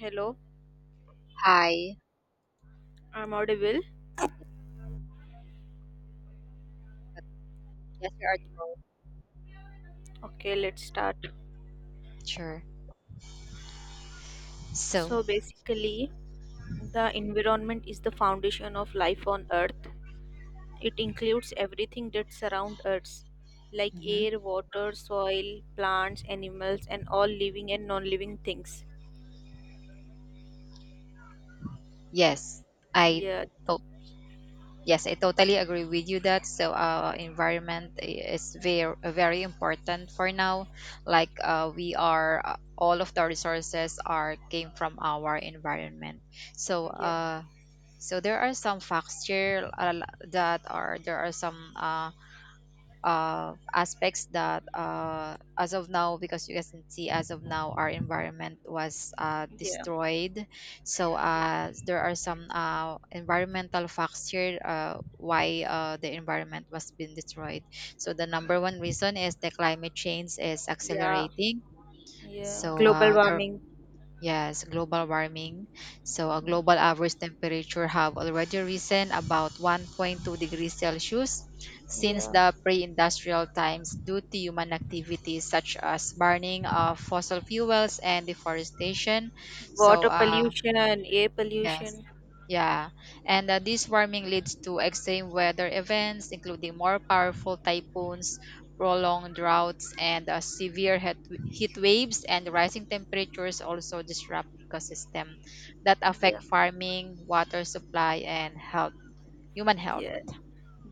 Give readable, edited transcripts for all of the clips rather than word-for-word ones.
Hello, Hi. I'm audible. Yes, you're audible. Okay, let's start. Sure. So, So basically, the environment is the foundation of life on Earth. It includes everything that surrounds us, like mhm. air, water, soil, plants, animals, and all living and non-living things. yes, I Yeah, to- yes, I totally agree with you that environment is very important for now. Like we are All of the resources are came from our environment. So yeah, uh, so there are some facts here, that are there are some aspects that, as of now, because you guys can see, as of now our environment was yeah, destroyed. Yeah, There are some environmental facts here, why the environment was been destroyed. So the yeah, number one reason is the climate change is yeah, accelerating. yeah. So Global there warming. Yes, global warming. So, a Yeah, global average temperature have already risen about 1.2 degrees Celsius since yeah. the pre-industrial times due to human activities such as burning of fossil fuels and deforestation. So, Water uh, pollution, air Yes. pollution. Yeah. And This warming leads to extreme weather events, including more powerful typhoons, prolonged droughts, and heat waves, and rising temperatures also disrupt ecosystem that Yeah, affect farming, water supply, and human health. yeah.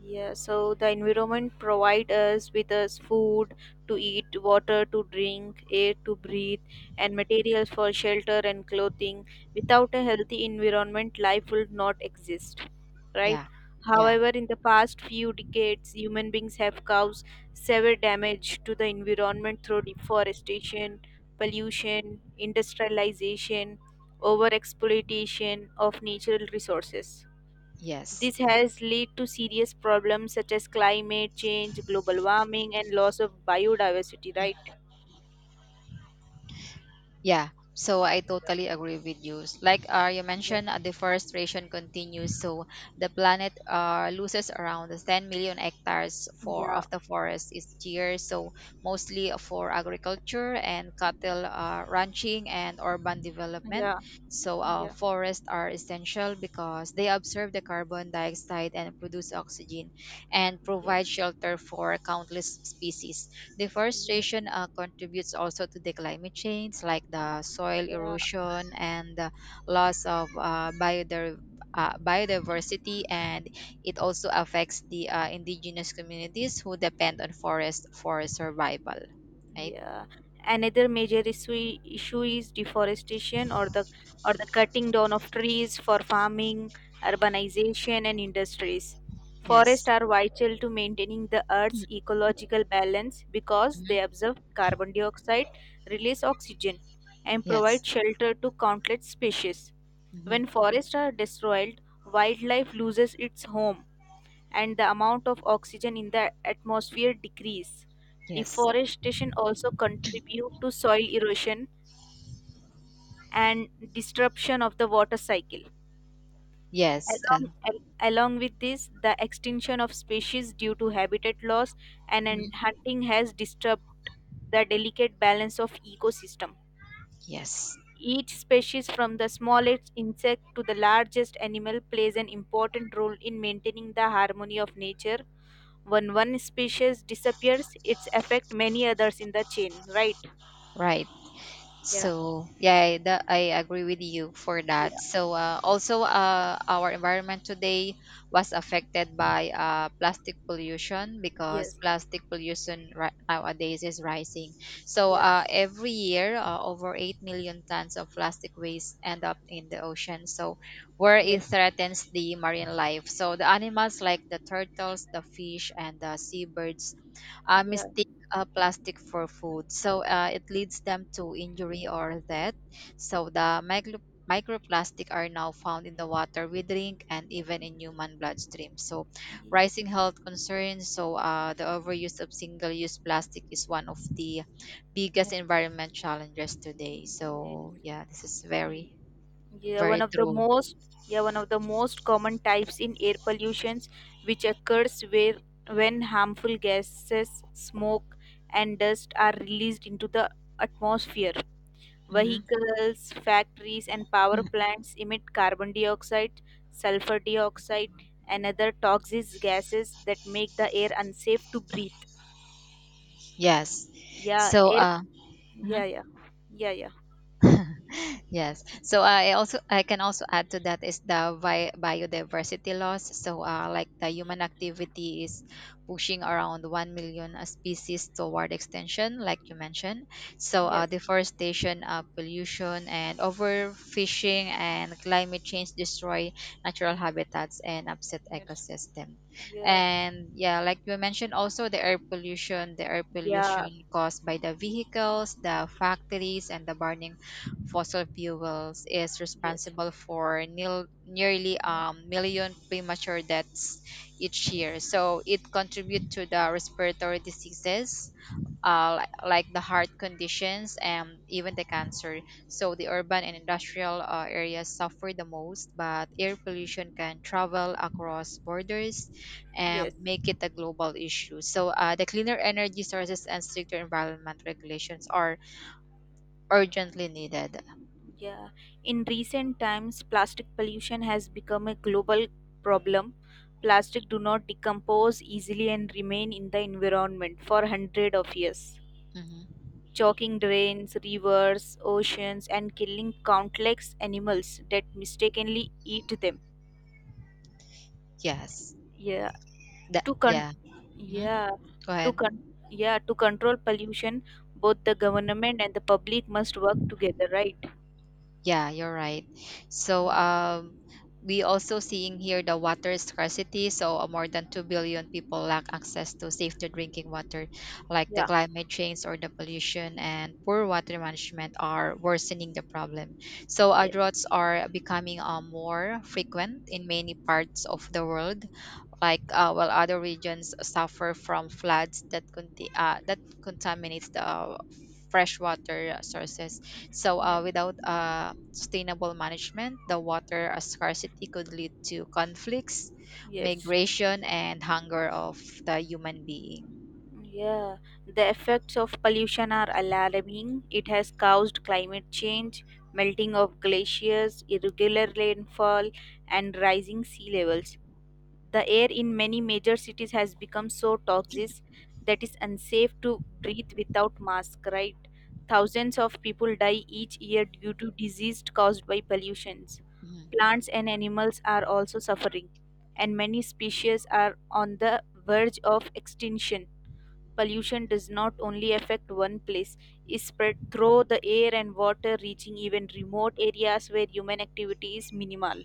Yeah, so the environment provide us with us food to eat, water to drink, air to breathe, and materials for shelter and clothing. Without a healthy environment, life would not exist, right? Yeah. Yeah. However, in the past few decades, human beings have caused severe damage to the environment through deforestation, pollution, industrialization, overexploitation of natural resources. Yes. This has led to serious problems such as climate change, global warming, and loss of biodiversity, right? Yeah, so I totally agree with you. You Yeah. mentioned, deforestation continues, so the planet loses around 10 million hectares for Yeah. of the forest each year. So mostly for agriculture and cattle ranching and urban development. Yeah. Yeah. Forests are essential because they absorb the carbon dioxide and produce oxygen, and Yeah. provide shelter for countless species. Yeah. Deforestation contributes also to the climate change, like the soil Yeah. erosion and the loss of biodiversity, and it also affects the indigenous communities who depend on forest for survival. Right? Yeah, another major issue is deforestation, or the cutting down of trees for farming, urbanization, and industries. Yes. Forests are vital to maintaining the Mm, Earth's ecological balance because mhm. they absorb carbon dioxide, release oxygen, and Yes. provide shelter to countless species. Mhm. When forests are destroyed, wildlife loses its home and the amount of oxygen in the atmosphere decrease. Yes. Deforestation also contribute to soil erosion and disruption of the water cycle. Yes. Along with this, the extinction of species due to habitat loss and Mhm. hunting has disturbed the delicate balance of ecosystem. Yes. Each species, from the smallest insect to the largest animal, plays an important role in maintaining the harmony of nature. When one species disappears, it's affect many others in the chain, right? Right. Yeah, I agree with you for that. yeah, Our environment today was affected by plastic pollution, because yes, plastic nowadays is rising. Yes, Every year, over 8 million tons of plastic waste end up in the ocean. So where yes, it threatens the marine life. So the animals like the turtles, the fish, and the seabirds yeah, yeah, mistake plastic for food. It leads them to injury or death. So the microplastic are now found in the water we drink and even in human bloodstream. So yeah. rising health concerns. The overuse of single-use plastic is one of the biggest Yes. environment challenges today. Ye- So yeah, this is very Yeah, one very of the true. most yeah, one of the most common types in air pollutions, which occurs where when harmful gases, smoke and dust are released into the atmosphere. Mhm. Vehicles, factories, and power plants emit carbon dioxide, sulfur dioxide, and other toxic gases that make the air unsafe to breathe. Yes. Yeah, So air. uh. Mhm. Yeah, yeah, yeah, yeah. Yes. I can also add to that is the biodiversity loss. Like, the human activity is pushing around 1 million species toward extinction, like you mentioned. Yes. Deforestation, pollution and overfishing and climate change destroy natural habitats and upset Yes. ecosystem. Yeah. And yeah, like you mentioned also the air pollution Yeah. caused by the vehicles, the factories and the burning fossil fuels is Yes. responsible for nearly Yeah. a million premature deaths each Yes. year. So it contributes to the respiratory diseases, like the heart conditions and even the cancer. So the urban and industrial areas suffer the most, but air pollution can travel across borders and Yes. make it a global issue. The cleaner energy sources and stricter environment regulations are urgently needed. Yeah. In recent times, plastic pollution has become a global problem. Plastic do not decompose easily and remain in the environment for hundred of years, Mhm. choking drains, rivers, oceans, and killing countless animals that mistakenly eat them. Yes. Yeah, That, to con- yeah. Mhm. yeah, Go to ahead. con- yeah, to control pollution, both the government and the public must work together, right? Yeah, you're right. So Mm, um we also seeing here the water scarcity. More than 2 billion people lack access to safe to drinking water, like the yeah. climate change or the pollution and poor water management are worsening the problem. Yes. Droughts are becoming more frequent in many parts of the world, like, while other regions suffer from floods that that contaminates the freshwater sources. So Yes. Without sustainable management, the water scarcity could lead to conflicts, Yes. migration, and hunger of the human being. Yeah, the effects of pollution are alarming. It has caused climate change, melting of glaciers, irregular rainfall, and rising sea levels. The air in many major cities has become so toxic that it's unsafe to breathe without mask, right? Thousands of people die each year due to disease caused by pollutions. Mhm. Plants and animals are also suffering, and many species are on the verge of extinction. Pollution does not only affect one place, it spread through the air and water, reaching even remote areas where human activity is minimal.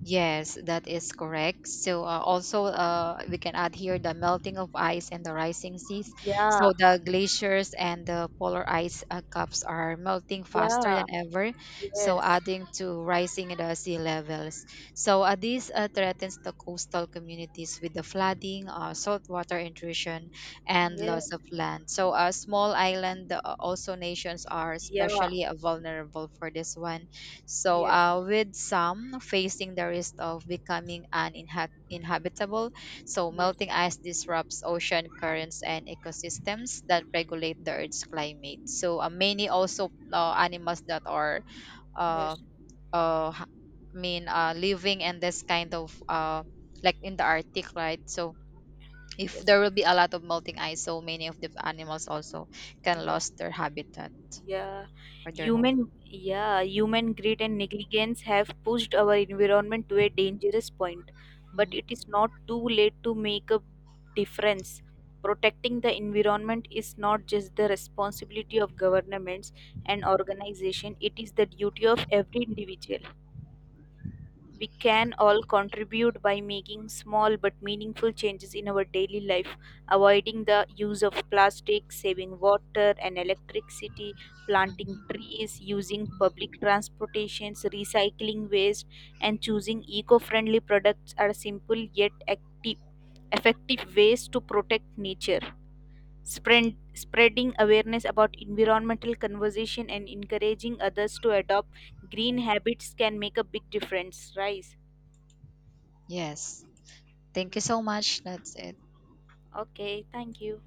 Yes, that is correct. So also We can add here the melting of ice and the rising seas. Yeah, So the glaciers and the polar ice caps are melting faster yeah, than ever, so yes. adding to rising the sea levels. So this threatens the coastal communities with the flooding, saltwater intrusion, and Yes, loss of land. Small island also nations are yeah, especially vulnerable for this one, so, yes, with some facing the risk of becoming uninhabitable, so yes, melting ice disrupts ocean currents and ecosystems that regulate the Earth's climate. Many also animals that are, uh, yes, uh, ha- living in this kind of, like in the Arctic, right? So, if yes, there will be yes, a lot of melting ice, so many of the animals also can yes. lose their habitat Yeah, or their home. Human greed and negligence have pushed our environment to a dangerous point. But Mhm, it is not too late to make a difference. Protecting the environment is not just the responsibility of governments and organizations, it is the duty of every individual. We can all contribute by making small but meaningful changes in our daily life, avoiding the use of plastic, saving water and electricity, planting mhm. trees, using public transportations, recycling waste, and choosing eco friendly products are simple yet active, effective ways to protect nature. Spreading awareness about environmental conservation and encouraging others to adopt green habits can make a big difference, right? Yes. Thank you so much. That's it. Okay, thank you.